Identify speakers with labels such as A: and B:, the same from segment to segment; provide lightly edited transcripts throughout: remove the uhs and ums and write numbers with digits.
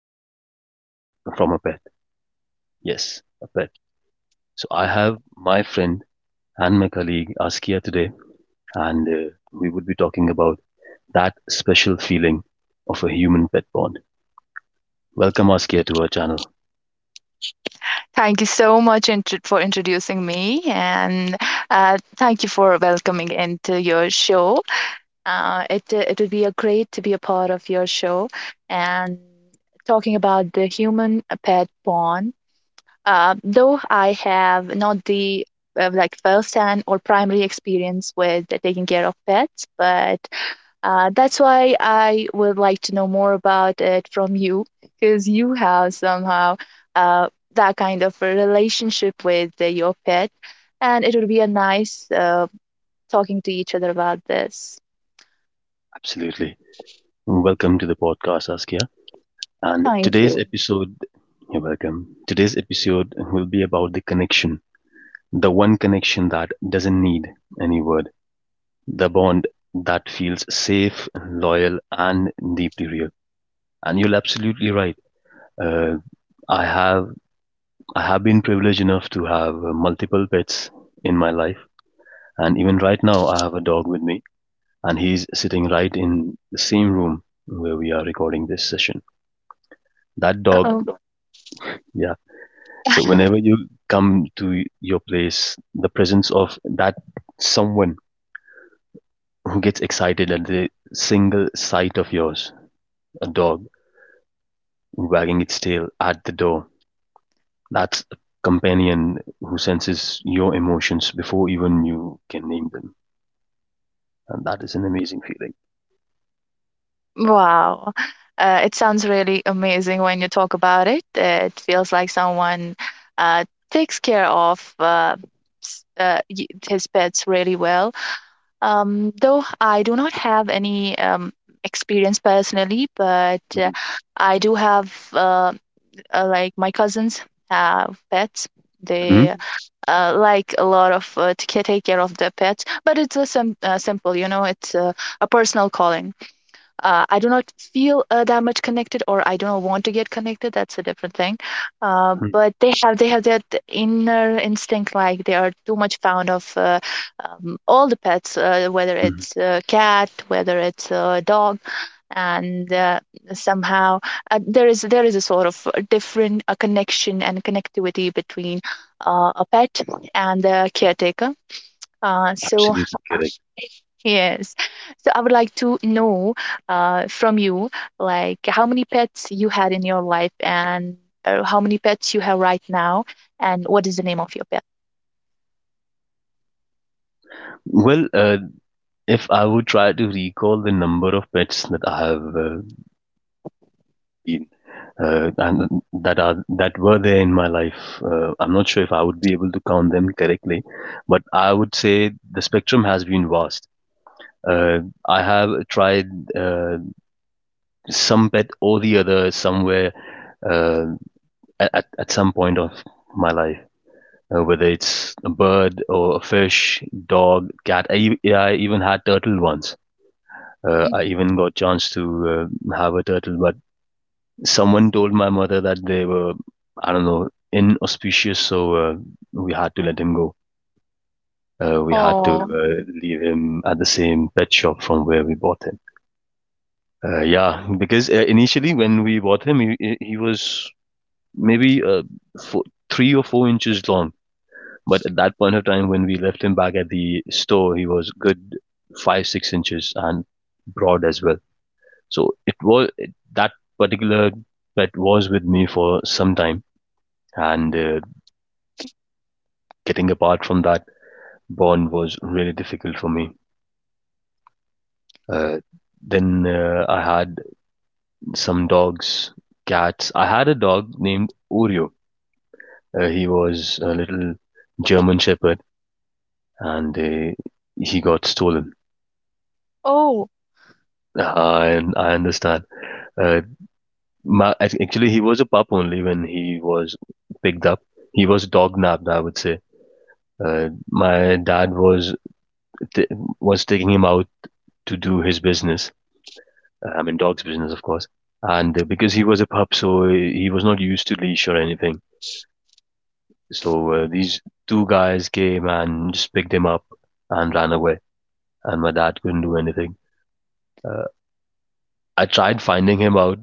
A: presence comes from a pet. Yes, a pet. So I have my friend and my colleague Askia today, and we would be talking about that special feeling of a human pet bond. Welcome, Askia, to our channel.
B: Thank you so much for introducing me, and thank you for welcoming into your show. It would be a great to be a part of your show, and talking about the human pet bond. Though I have not the like first-hand or primary experience with taking care of pets, but that's why I would like to know more about it from you, because you have somehow uh, that kind of a relationship with your pet, and it would be a nice talking to each other about this.
A: Absolutely. Welcome to the podcast, Askia. And
B: Thank
A: today's
B: you.
A: episode, You're welcome. Today's episode will be about the connection, the one connection that doesn't need any word, the bond that feels safe, loyal, and deeply real. And you're absolutely right. Uh, I have I have been privileged enough to have multiple pets in my life, and even right now, I have a dog with me, and he's sitting right in the same room where we are recording this session. That dog.
B: Oh,
A: Yeah. So whenever you come to your place, the presence of that someone who gets excited at the single sight of yours, a dog wagging its tail at the door, that's a companion who senses your emotions before even you can name them. And that is an amazing feeling.
B: wow. It sounds really amazing when you talk about it. It feels like someone uh, takes care of his pets really well. Though I do not have any experience personally, but
A: Mhm.
B: I do have like my cousins have pets. They
A: Mhm.
B: like a lot of to take care of their pets, but it's simple, you know, it's a personal calling. I do not feel that much connected, or I don't want to get connected. That's a different thing.
A: Mhm.
B: But they have that inner instinct, like they are too much fond of all the pets, whether
A: Mhm.
B: it's a cat, whether it's a dog, and somehow there is a sort of a different a connection and connectivity between a pet and the caretaker. So,
A: Absolutely correct.
B: yes. So I would like to know from you, like how many pets you had in your life and how many pets you have right now, and what is the name of your pet?
A: Well, if I would try to recall the number of pets that I have been and that were there in my life, I'm not sure if I would be able to count them correctly, but I would say the spectrum has been vast. Uh, I have tried uh, some pet or the other somewhere uh, at some point of my life. Whether it's a bird or a fish, dog, cat. Yeah, I even had turtle once.
B: Mm.
A: I even got chance to have a turtle, but someone told my mother that they were, I don't know, inauspicious, so we had to let him go. We had to
B: Oh,
A: leave him at the same pet shop from where we bought him. Yeah, because initially when we bought him, he was maybe four, 3 or 4 inches long. But at that point of time, when we left him back at the store, he was good 5-6 inches and broad as well. So that particular pet was with me for some time, and getting apart from that bond was really difficult for me. Uh, then I had some dogs, cats. I had a dog named Oreo. He was a little German Shepherd, and he got stolen.
B: oh,
A: I understand. Uh, actually, he was a pup only when he was picked up. He was dog napped, I would say. My dad t- was taking him out to do his business. I mean, dog's business, of course. And because he was a pup, so he was not used to leash or anything. So these two guys came and just picked him up and ran away. And my dad couldn't do anything. Uh, I tried finding him out.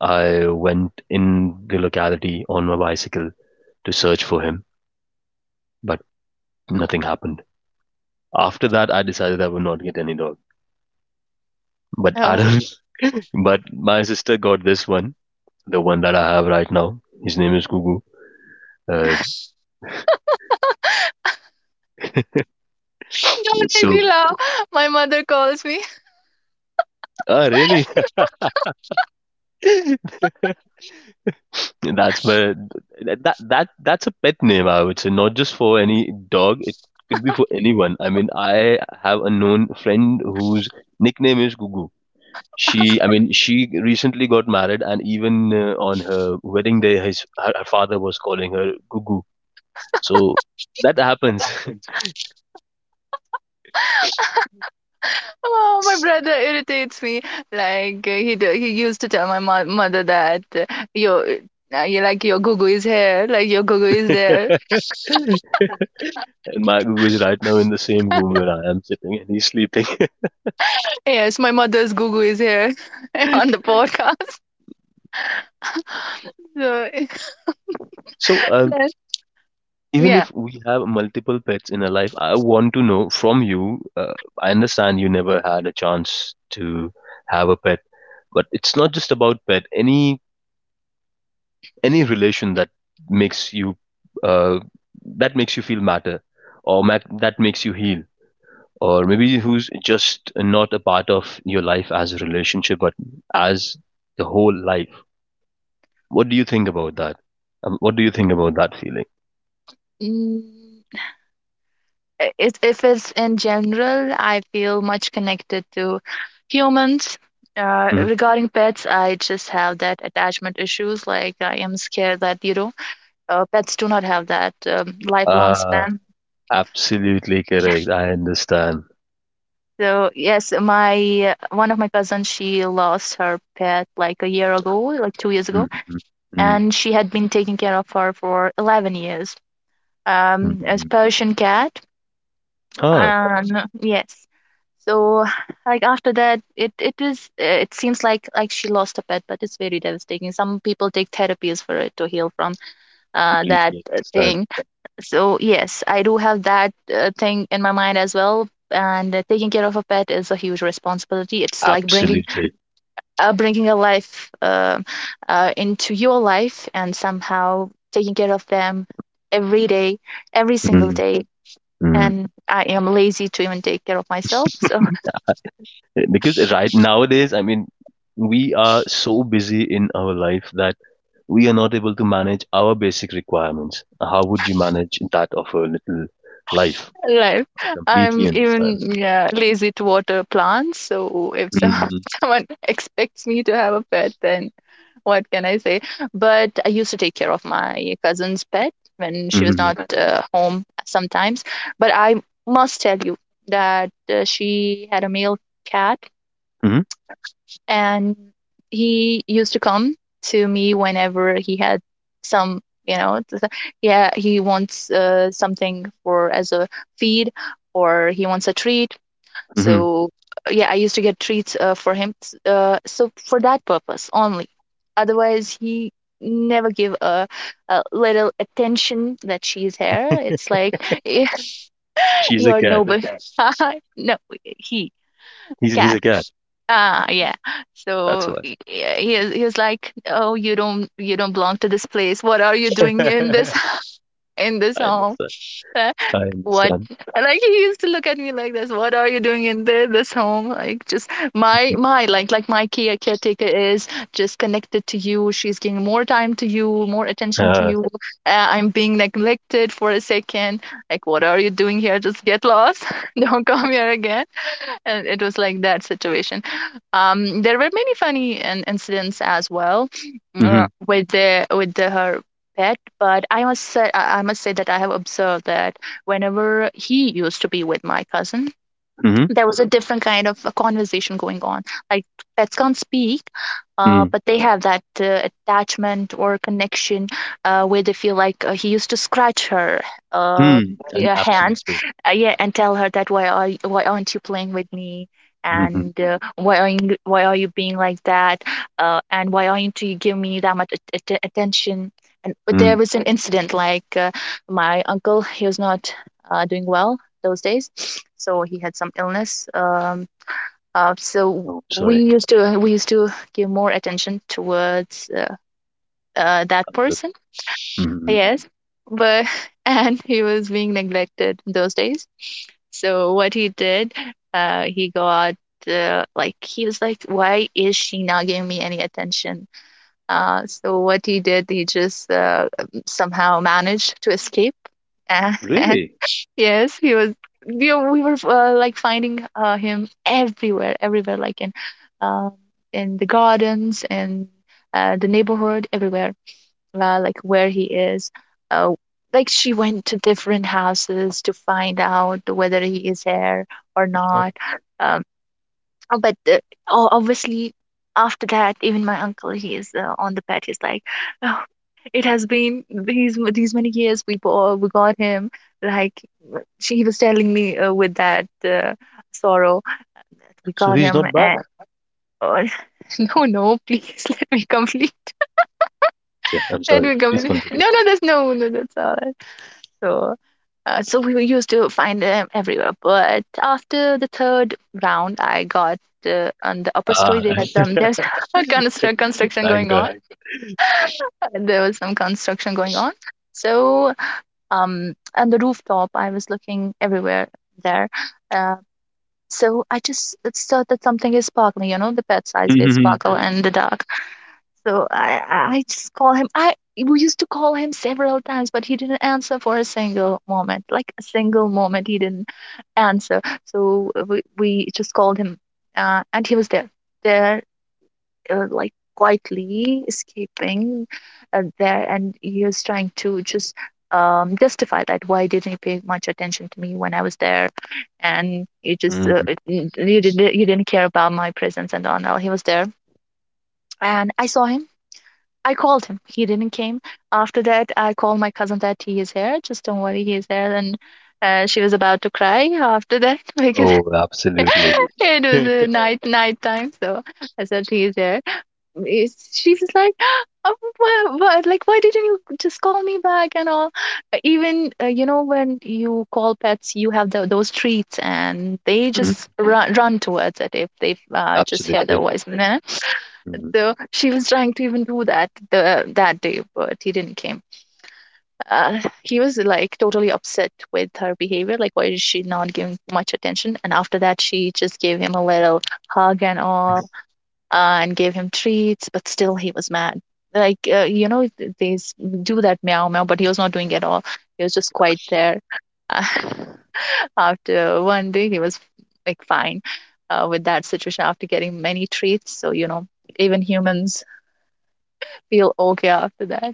A: I went in the locality on my bicycle to search for him but nothing happened. After that, I decided I would not get any dog. But I
B: oh.
A: don't. But my sister got this one, the one that I have right now. His name is Gugu. Uh,
B: Don't make
A: so,
B: me laugh. My mother calls me.
A: ah, really? that's my that that that's a pet name. I would say not just for any dog. It could be for anyone. I mean, I have a known friend whose nickname is Gugu. She, I mean, she recently got married, and even on her wedding day, her father was calling her Gugu. So that happens.
B: Oh, my brother irritates me. Like he used to tell my mo mother that your you like your Gugu is here, like your Gugu is there.
A: And my Magu is right now in the same room where I am sitting and he's sleeping.
B: Yes, my mother's Gugu is here on the podcast.
A: So,
B: So,
A: even
B: yeah.
A: if we have multiple pets in our life, I want to know from you. I understand you never had a chance to have a pet, but it's not just about pet. Any relation makes you uh, that makes you feel matter or that makes you heal. Or maybe who's just not a part of your life as a relationship, but as the whole life. What do you think about that? What do you think about that feeling?
B: Mm, if it's in general, I feel much connected to humans.
A: Mhm.
B: Regarding pets, I just have that attachment issues. Like I am scared that, pets do not have that lifelong
A: Ah,
B: span.
A: absolutely correct. I understand.
B: So yes, my one of my cousins, she lost her pet like a year ago, like 2 years ago,
A: Mm-hmm.
B: and she had been taking care of her for 11 years. As
A: Mm-hmm.
B: Persian cat.
A: Huh,
B: Um, yes. So, like after that, it seems like she lost a pet, but it's very devastating. Some people take therapies for it to heal from that
A: completely understand.
B: thing. So yes, I do have that thing in my mind as well. And taking care of a pet is a huge responsibility. It's like bringing
A: Absolutely.
B: uh, bringing a life into your life and somehow taking care of them every day, every single
A: Mm-hmm.
B: day, and I am lazy to even take care of myself. So,
A: Because right nowadays, I mean, we are so busy in our life that we are not able to manage our basic requirements. How would you manage that of a little life?
B: like
A: I completely
B: I'm
A: understand.
B: even, yeah, lazy to water plants. So if
A: Mm-hmm.
B: someone expects me to have a pet, then what can I say? But I used to take care of my cousin's pet when she was
A: Mm-hmm.
B: not home sometimes. But I must tell you that she had a male cat,
A: Mm-hmm.
B: and he used to come to me whenever he had some, you know it's a- yeah, he wants something for as a feed, or he wants a treat. So yeah, I used to get treats for him, so for that purpose only. Otherwise, he never give a little attention that she's here. It's
A: Mm-hmm.
B: like,
A: She's a
B: you're the
A: cat.
B: noble. No, he,
A: He's
B: cat.
A: a cat.
B: Ah, yeah.
A: That's
B: So
A: why.
B: he was like, "Oh, you don't belong to this place. What are you doing in
A: I
B: this in this home?
A: understand.
B: Uh,
A: I
B: What?"
A: understand.
B: Like he used to look at me like this. What are you doing in this home? Like just my like my caretaker is just connected to you. She's giving more time to you, more attention to
A: Uh,
B: you. I'm being neglected for a second. Like what are you doing here? Just get lost. Don't come here again. And it was like that situation. There were many funny incidents as well,
A: mm-hmm.
B: with the her pet, but I must say that I have observed that whenever he used to be with my cousin,
A: Mm-hmm.
B: there was a different kind of a conversation going on. Like pets can't speak,
A: Mm.
B: but they have that attachment or connection where they feel like he used to scratch her, um
A: Mm. And
B: yeah, hands,
A: absolutely.
B: yeah, and tell her that why aren't you playing with me?
A: Mm-hmm.
B: And why are you being like that? And why aren't you giving me that much attention? And there
A: Mm.
B: was an incident like my uncle, he was not doing well those days. So he had some illness. So
A: Oh,
B: we
A: sorry.
B: used to we used to give more attention towards that
A: I'm good.
B: person.
A: Mm-hmm.
B: Yes, but and he was being neglected those days. So what he did, he got like he was like, why is she not giving me any attention? So what he did, he just somehow managed to escape. And
A: Really?
B: yes, he was. We were like finding him everywhere, everywhere, like um, in the gardens and the neighborhood, everywhere, like where he is. Uh, like she went to different houses to find out whether he is there or
A: Oh,
B: not. Um. But obviously, after that, even my uncle, he is on the bed. He's like, oh, it has been these many years. We got him. Like w- she he was telling me with that sorrow, we
A: so
B: got
A: he's
B: him.
A: not back.
B: And oh, no, no, please, let me complete.
A: Yeah, I'm
B: Let
A: sorry.
B: me
A: Please
B: complete.
A: continue.
B: No, no, there's no, no, that's all. Right. So, we were used to find them everywhere. But after the third round, I got on the upper story.
A: Ah,
B: They had some there's a construction
A: thank
B: going
A: God.
B: on. Yeah, there was some construction going on. So, on the rooftop, I was looking everywhere there. Uh, so I just thought that something is sparkling. You know, the pet eyes they sparkle and the dark. So I just call him. I We used to call him several times, but he didn't answer for a single moment. Like a single moment, he didn't answer. So we just called him, and he was there, there, like quietly escaping, there, and he was trying to just justify that why didn't he pay much attention to me when I was there, and he just
A: Mm.
B: you didn't care about my presence and all. Now he was there, and I called him. He didn't came. After that, I called my cousin that he is here. Just don't worry, he is there. And she was about to cry after that because
A: Oh, absolutely.
B: it was a night time. So I said he is there. She was like, "Oh, why, like why didn't you just call me back and all? Even, you know, when you call pets, you have those treats, and they
A: Mm,
B: just run towards it if they just hear the
A: absolutely.
B: voice.
A: Mm.
B: So she was trying to even do that the that day, but he didn't came. He was like totally upset with her behavior, like why is she not giving much attention? And after that, she just gave him a little hug and all, and gave him treats, but still he was mad. Like you know, they do that meow meow, but he was not doing at all. He was just quite there. Uh, After one day, he was like fine with that situation after getting many treats. So you know, even humans feel okay after that.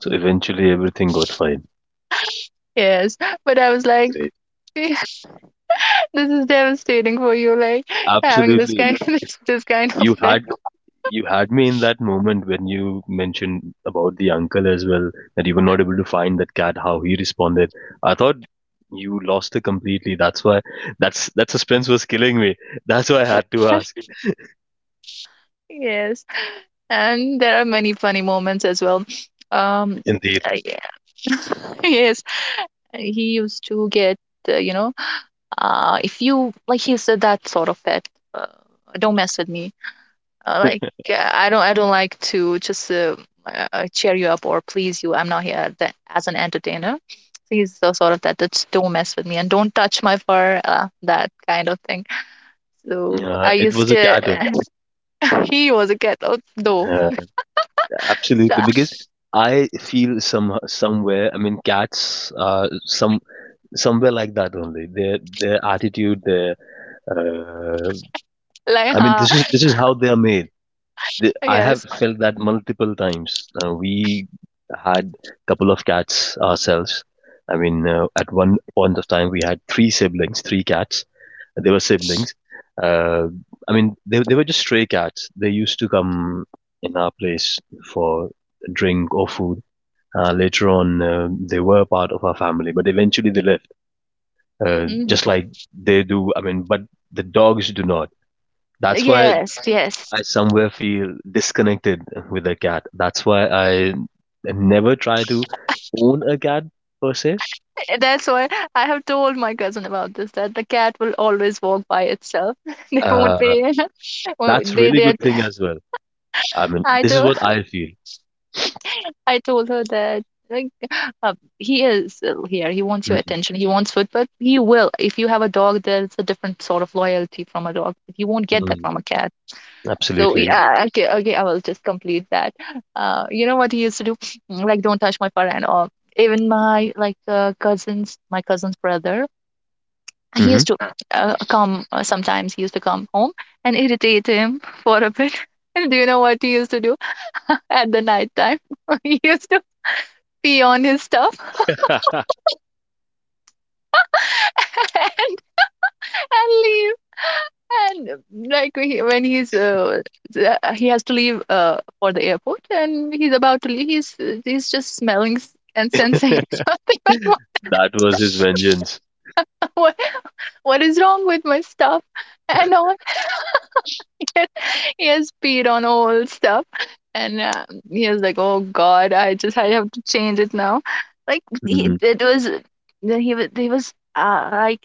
A: So
B: Um,
A: eventually everything got fine.
B: yes, but I was like,
A: Great.
B: this is devastating for you, like having this kind
A: Absolutely.
B: this kind of
A: You
B: thing.
A: had you had me in that moment when you mentioned about the uncle as well, that you were not able to find that cat, how he responded. I thought you lost it completely. That's why that suspense was killing me. That's why I had to ask.
B: Yes, and there are many funny moments as well. Um,
A: Indeed.
B: yeah. Yes, he used to get, you know, if you like, he's said that sort of pet. Uh, don't mess with me. Like I don't like to just cheer you up or please you. I'm not here that, as an entertainer. So he's so sort of that. That's, don't mess with me and don't touch my fur. That kind of thing. So I
A: It
B: used
A: was a
B: to.
A: cat owner.
B: He was a cat out though.
A: Uh,
B: So,
A: Absolutely, because I feel somewhere. I mean, cats are somewhere like that only. Their attitude, their uh,
B: like,
A: I mean,
B: huh?
A: this is how they are made. I have
B: Yes.
A: felt that multiple times. We had a couple of cats ourselves. I mean, at one point of time, we had three siblings, three cats. They were siblings. Uh, I mean, they were just stray cats. They used to come in our place for drink or food. Later on, they were part of our family, but eventually they left
B: Mhm.
A: just like they do. I mean, but the dogs do not. That's why
B: Yes. Yes.
A: I somewhere feel disconnected with a cat. That's why I never try to own a cat per se.
B: That's why I have told my cousin about this. That the cat will always walk by itself. They won't
A: Uh,
B: be. Well,
A: that's really good thing as well. I mean,
B: I
A: this is
B: do.
A: what I feel.
B: I told her that, like, he is ill here. He wants your attention. He wants food, but he will. If you have a dog, there's a different sort of loyalty from a dog. You won't get that
A: Mhm.
B: from a cat. So
A: Absolutely.
B: yeah, okay, okay, I will just complete that. You know what he used to do? Like, don't touch my fur and all. Even my, like, cousins, my cousin's brother, he
A: Hmm.
B: used to come, sometimes. He used to come home and irritate him for a bit. And do you know what he used to do at the night time? He used to pee on his stuff, and leave. And, like, we, when he's, he has to leave, for the airport, and he's about to leave. He's just smelling and sensing something like,
A: That was his vengeance.
B: what what is wrong with my stuff, and all. He has peed on all stuff, and he was like, oh god, I have to change it now. Like, he,
A: Mhm.
B: it was, he was he was like,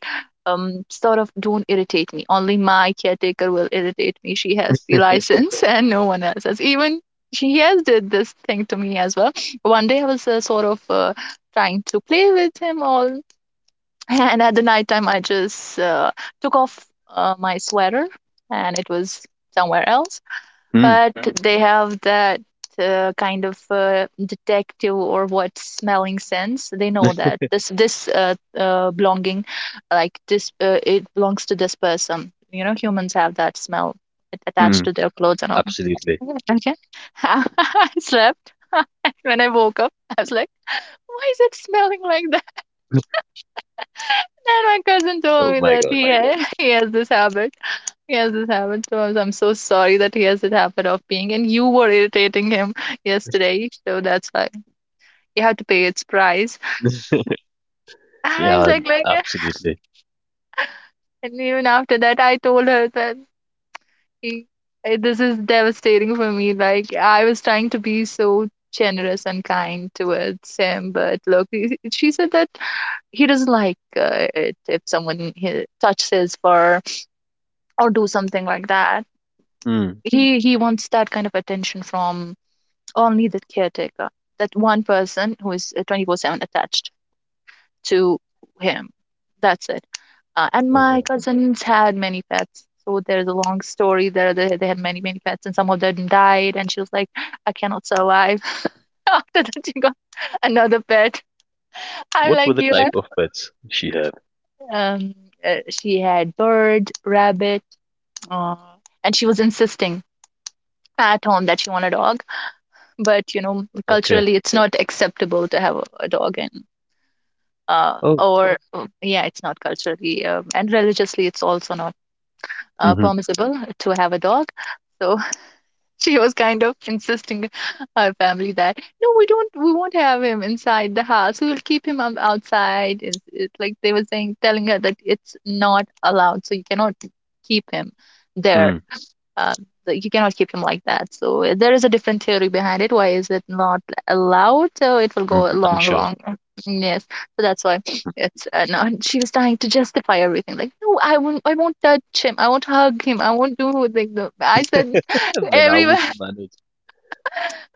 B: sort of, don't irritate me, only my caretaker will irritate me, she has the license, and no one else has even, she has did this thing to me as well. One day, I was, sort of, trying to play with him all. And at the night time, I just, took off, my sweater, and it was somewhere else.
A: Mm.
B: But they have that, kind of, detective or what smelling sense, they know that this belonging, like this, it belongs to this person. You know, humans have that smell attached
A: Mm.
B: to their clothes and all.
A: Absolutely.
B: Okay. I slept. When I woke up, I was like, why is it smelling like? And my cousin told
A: Oh
B: me
A: my
B: that
A: God.
B: he has this habit. He has this habit. So I'm so sorry that he has that habit of being, and you were irritating him yesterday. So that's why you have to pay its price. And I was
A: Yeah,
B: like,
A: absolutely.
B: and even after that, I told her that, he, this is devastating for me. Like, I was trying to be so generous and kind towards him, but look, she said that he doesn't like, it, if someone, he, touches his fur, or do something like that.
A: Mm.
B: He wants that kind of attention from only the caretaker, that one person who is, 24/7 attached to him, that's it. And my
A: Uh,
B: cousins had many pets, so there's a long story there. They had many, many pets, and some of them died, and she was like, I cannot survive. After that, she got another pet. I'm
A: What were
B: like,
A: the
B: you.
A: type of pets she had?
B: Yeah. She had bird, rabbit, uh, and she was insisting at home that she wanted a dog, but you know,
A: Okay.
B: culturally it's, yeah, not acceptable to have a dog, and yeah,
A: Oh.
B: or yeah, it's not culturally, and religiously it's also not
A: Hmm.
B: permissible to have a dog. So, she was kind of insisting our family that, no, we won't have him inside the house, we will keep him outside. It's like they were saying, telling her that it's not allowed, so you cannot keep him there,
A: Mm,
B: uh, you cannot keep him like that. So, there is a different theory behind it, why is it not allowed, so it will go
A: mm, I'm
B: long,
A: sure.
B: long. Mm, yes. So that's why it's, no, and she was trying to justify everything like, no, I won't touch him, I won't hug him, I won't do, like the, I said,
A: And then how
B: everywhere.
A: would you manage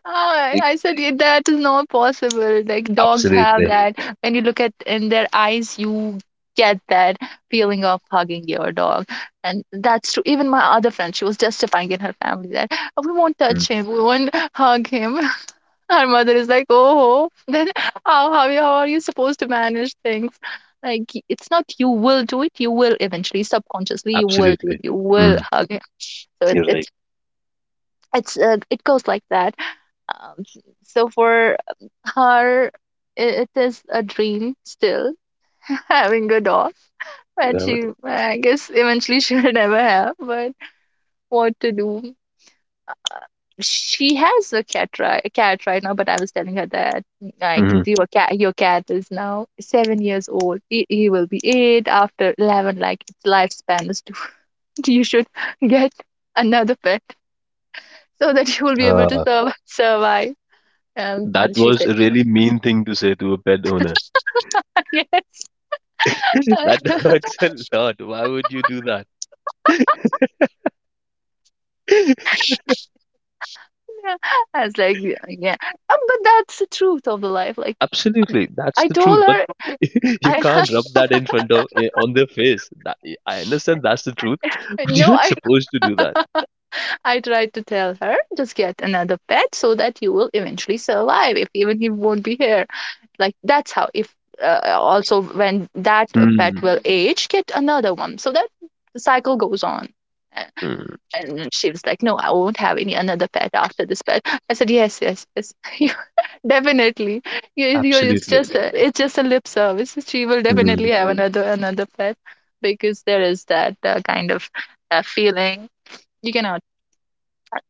B: Ah,
A: it?
B: I said, "Yeah, that is not possible. Like, dogs have
A: Absolutely.
B: that. When you look at in their eyes, you get that feeling of hugging your dog." And that's true. Even my other friend, she was justifying in her family that, "Oh, we won't
A: Mm,
B: touch him, we won't hug him." Her mother is like, oh, then how are you supposed to manage things? Like, it's not, you will do it, you will eventually, subconsciously, you will do it,
A: absolutely.
B: you will
A: Mm,
B: hug him. So, it,
A: you're right.
B: it's it goes like that, um, s- so for her, it is a dream still, having a dog. But she, I guess, eventually she will never have. But what to do? She has a cat, right, cat right now. But I was telling her that, like,
A: Mm-hmm.
B: your cat is now 7 years old. He will be 8 after 11. Like, its lifespan is two. You should get another pet so that you will be able to
A: Uh,
B: survive. Um,
A: that
B: she
A: was
B: said,
A: a really mean thing to say to a pet owner.
B: yes.
A: That hurts a lot. Why would you do that?
B: Yeah, I was like, yeah, yeah. But that's the truth of the life. Like,
A: Absolutely, that's
B: I
A: the truth.
B: told
A: But
B: her,
A: you
B: I,
A: can't rub that in front of on their face. That I understand that's the truth, but you're
B: no,
A: not
B: I,
A: supposed to do that.
B: I tried to tell her, just get another pet so that you will eventually survive. If even he won't be here, like, that's how. If, also when that pet
A: Mm,
B: will age, get another one. So that the cycle goes on. A-
A: mm,
B: And she was like, "No, I won't have any another pet after this pet." I said, "Yes, yes, yes. Definitely. It's
A: absolutely.
B: just a, it's just a lip service. She will definitely have another pet, because there is that, kind of, feeling. You cannot,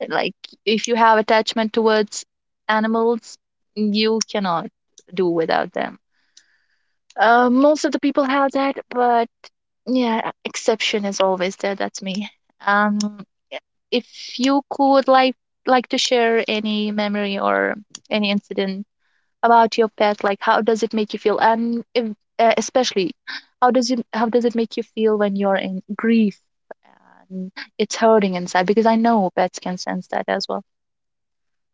B: like, if you have attachment towards animals, you cannot do without them. Most of the people have that, but yeah, exception is always there. That's me. Um, if you could, like, to share any memory or any incident about your pet, like, how does it make you feel, and if, especially, how does it make you feel when you're in grief, and it's hurting inside, because I know pets can sense that as well."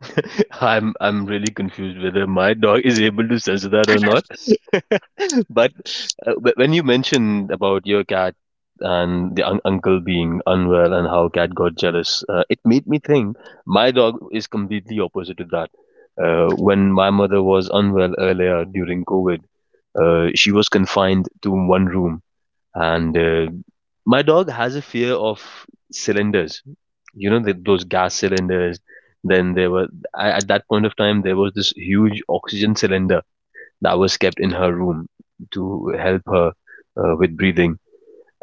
A: I'm really confused whether my dog is able to sense that or not. But when you mentioned about your cat and the uncle being unwell and how cat got jealous, it made me think my dog is completely opposite to that. When my mother was unwell earlier during COVID, she was confined to one room and my dog has a fear of cylinders. You know, th those gas cylinders. Then at that point of time, there was this huge oxygen cylinder that was kept in her room to help her with breathing.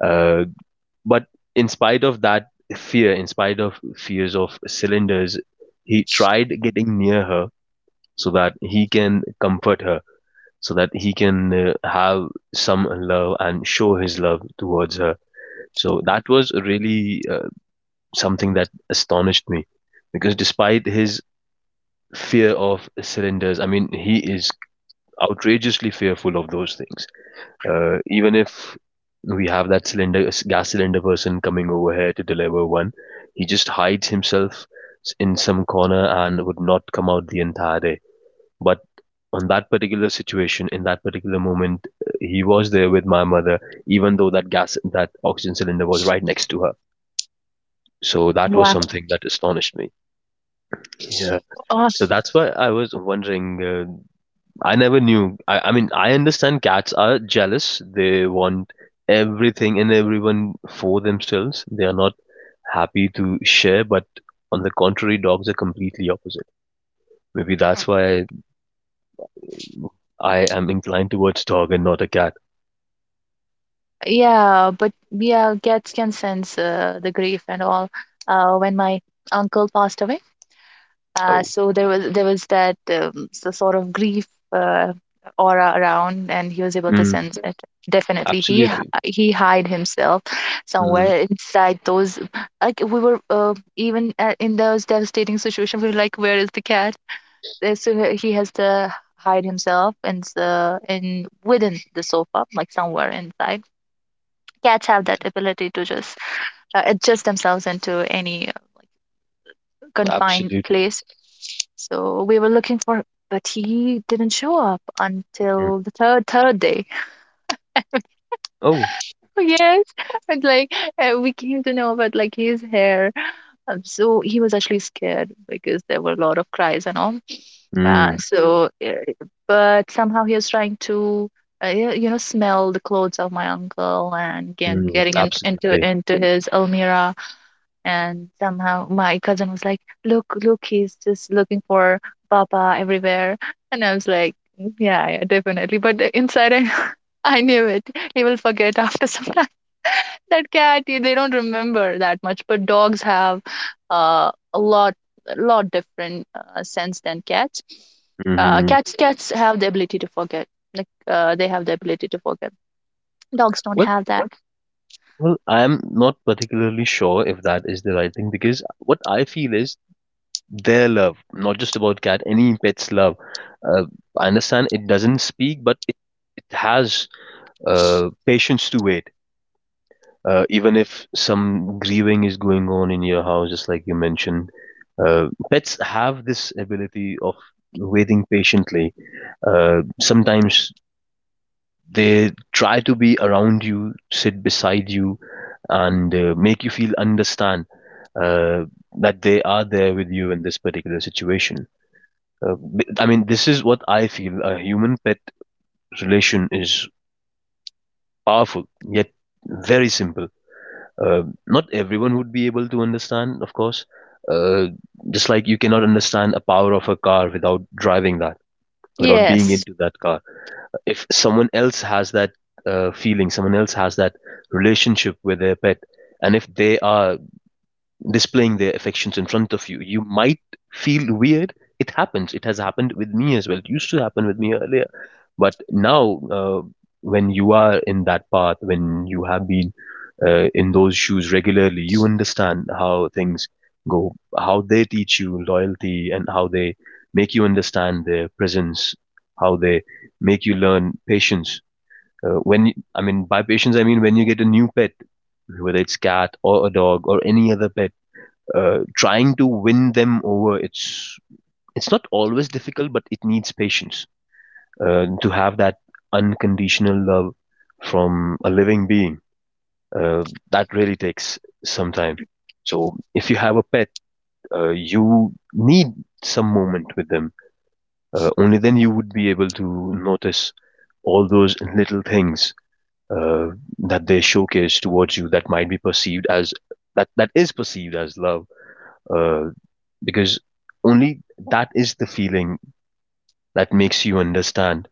A: Uh, but in spite of that fear, in spite of fears of cylinders, he tried getting near her so that he can comfort her, so that he can have some love and show his love towards her. So that was really something that astonished me because despite his fear of cylinders, I mean, he is outrageously fearful of those things. Even if we have that cylinder, gas cylinder person coming over here to deliver one, he just hides himself in some corner and would not come out the entire day. But on that particular situation, in that particular moment, he was there with my mother, even though that oxygen cylinder was right next to her. So that was
B: Wow.
A: something that astonished me. Yeah.
B: Oh,
A: So that's why I was wondering. I never knew. I mean, I understand cats are jealous. They want everything and everyone for themselves. They are not happy to share, but on the contrary, dogs are completely opposite. Maybe that's why I am inclined towards dog and not a cat.
B: yeah, but yeah, cats can sense, the grief and all. When my uncle passed away,
A: Oh,
B: so there was that, so sort of grief, aura around, and he was able to
A: mm,
B: sense it. Definitely,
A: absolutely.
B: he hid himself
A: Mm,
B: somewhere inside those. Like, we were, even, in those devastating situation, we were like, "Where is the cat?" So he has to hide himself and the, in within the sofa, like, somewhere inside. Cats have that ability to just, adjust themselves into any, confined
A: absolutely.
B: place. So we were looking for, but he didn't show up
A: Mm.
B: until the third day.
A: Oh,
B: Yes, and like, we came to know about, like, his hair. So he was actually scared, because there were a lot of cries and all. Uh,
A: mm,
B: so, uh, but somehow he was trying to. You know, smell the clothes of my uncle, and get,
A: mm,
B: getting in, into
A: absolutely.
B: into his almirah. And somehow my cousin was like, "Look, look, he's just looking for Papa everywhere." And I was like, "Mm, yeah, yeah, definitely." But inside, I, I knew it. He will forget after some time. That cat, they don't remember that much, but dogs have, uh, a lot, a lot different, sense than cats. Uh,
A: hmm
B: cats, cats have the ability to forget. Like, they have the ability to forget. Dogs don't
A: Well,
B: have that.
A: Well, I'm not particularly sure if that is the right thing, because what I feel is their love, not just about cat, any pet's love. Uh, I understand it doesn't speak, but it has patience to wait. Even if some grieving is going on in your house, just like you mentioned, pets have this ability of waiting patiently. Sometimes they try to be around you, sit beside you, and make you feel understand uh, that they are there with you in this particular situation. Uh, I mean, this is what I feel. A human pet relation is powerful, yet very simple. Not everyone would be able to understand, of course. Uh, just like you cannot understand a power of a car without driving that, without being
B: Yes.
A: into that car. If someone else has that feeling, someone else has that relationship with their pet, and if they are displaying their affections in front of you, you might feel weird. It happens. It has happened with me as well. It used to happen with me earlier. But now, when you are in that path, when you have been in those shoes regularly, you understand how things go, how they teach you loyalty, and how they make you understand their presence, how they make you learn patience when I mean, by patience I mean when you get a new pet, whether it's cat or a dog or any other pet, trying to win them over, it's not always difficult, but it needs patience to have that unconditional love from a living being. Uh, that really takes some time. So if you have a pet, you need some moment with them. Only then you would be able to notice all those little things uh, that they showcase towards you that might be perceived as that is perceived as love, uh, because only that is the feeling that makes you understand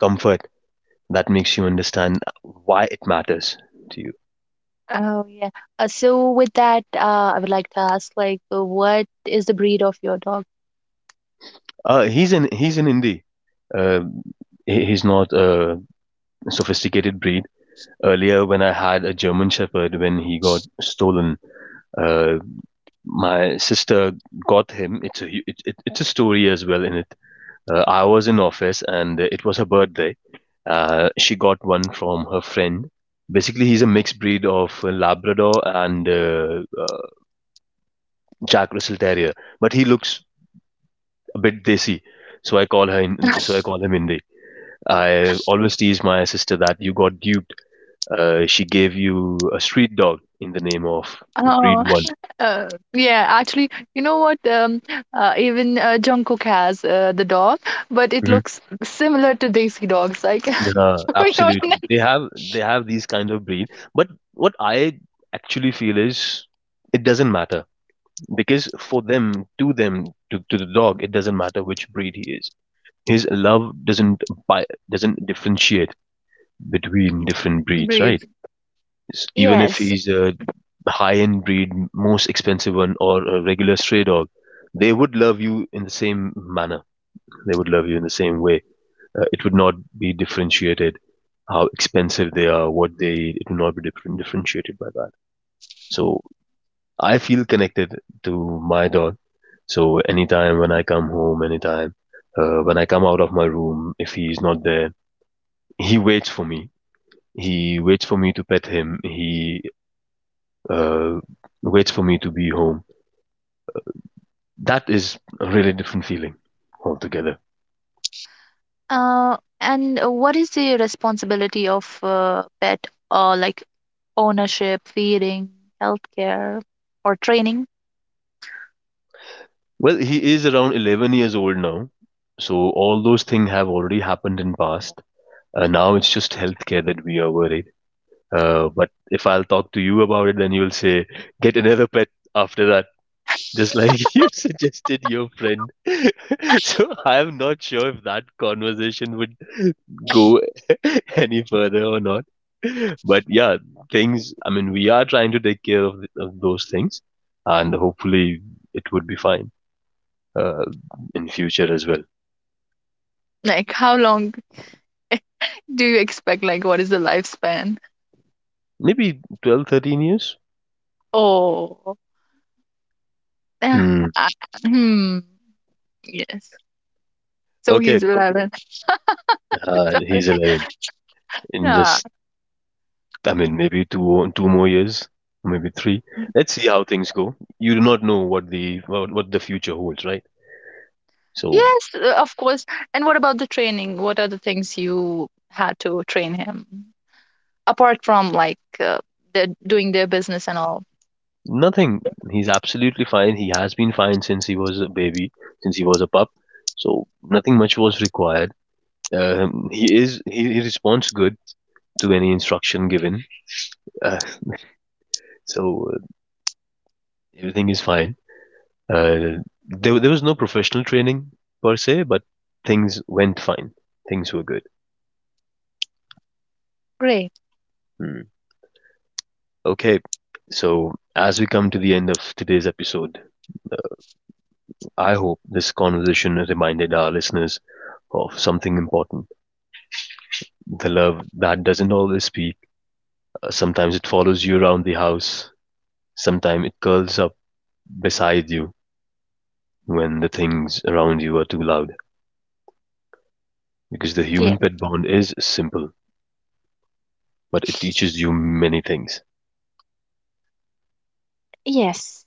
A: comfort, that makes you understand why it matters to you.
B: Oh yeah. So with that, I would like to ask, like, what is the breed of your dog?
A: He's in indie. uh, he's not a sophisticated breed. Earlier, when I had a German Shepherd, when he got stolen, uh, my sister got him. It, it's a story as well in it. I was in office and it was her birthday. She got one from her friend. Basically, he's a mixed breed of Labrador and Jack Russell Terrier, but he looks a bit desi. So I call him Hindi. I always tease my sister that you got duped. She gave you a street dog in the name of
B: Oh,
A: breed one.
B: yeah, actually, you know what? Even, Jungkook has, the dog, but it
A: Mhm.
B: looks similar to Desi dogs, like, we are
A: Absolutely, they have these kind of breed. But what I actually feel is it doesn't matter. Because for them, to the dog, it doesn't matter which breed he is. His love doesn't bi- doesn't differentiate between different
B: in
A: breeds, right?
B: breeds.
A: Even if
B: Yes.
A: he's a high-end breed, most expensive one, or a regular stray dog, they would love you in the same manner. They would love you in the same way. It would not be differentiated how expensive they are, what they eat. It would not be differentiated by that. So I feel connected to my dog. So anytime when I come home, anytime when I come out of my room, if he's not there, he waits for me. He waits for me to pet him. He, uh, waits for me to be home. That is a really different feeling altogether.
B: And What is the responsibility of, pet, like, ownership, feeding, healthcare, or training?
A: Well, he is around 11 years old now, so all those things have already happened in past. Now it's just healthcare that we are worried. But if I'll talk to you about it, then you'll say, get another pet after that. Just like you suggested your friend. So I'm not sure if that conversation would go any further or not. But yeah, things, I mean, we are trying to take care of those things, and hopefully it would be fine uh, in future as well.
B: Like, how long? Do you expect, like, what is the lifespan?
A: Maybe 12, 13 years?
B: Oh, yeah,
A: Hmm.
B: hmm, yes. So he's
A: Okay,
B: 11. Sorry.
A: he's 11. In
B: Yeah.
A: just, I mean, maybe two more years, maybe three. Let's see how things go. You do not know what what the future holds, right? So
B: Yes, of course. And what about the training? What are the things you had to train him apart from, like, the doing their business and all?
A: nothing. He's absolutely fine. He has been fine since he was a baby, since he was a pup. So nothing much was required. He responds good to any instruction given. Uh, so uh, Everything is fine. Uh, there was no professional training per se, but things went fine. Things were good.
B: Great.
A: Hmm. Okay. So as we come to the end of today's episode, I hope this conversation reminded our listeners of something important. The love that doesn't always speak. Sometimes it follows you around the house. Sometimes it curls up beside you when the things around you are too loud. Because the human
B: Yes.
A: pet bond is simple, but it teaches you many things.
B: Yes.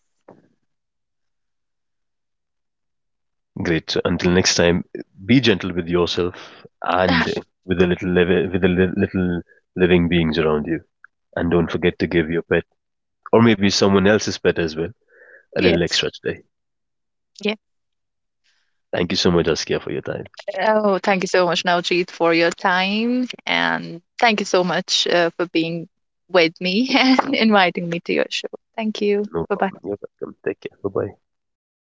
A: Great. So until next time, be gentle with yourself and with the with the little living beings around you. And don't forget to give your pet, or maybe someone else's pet as well, a little
B: Yes.
A: extra today. Thank you so much, Askia, for your time.
B: Oh, thank you so much, Navjeet, for your time. And thank you so much, for being with me, and inviting me to your show. Thank you.
A: No
B: Bye bye.
A: problem. You're welcome. Take care. Bye bye.
B: Bye.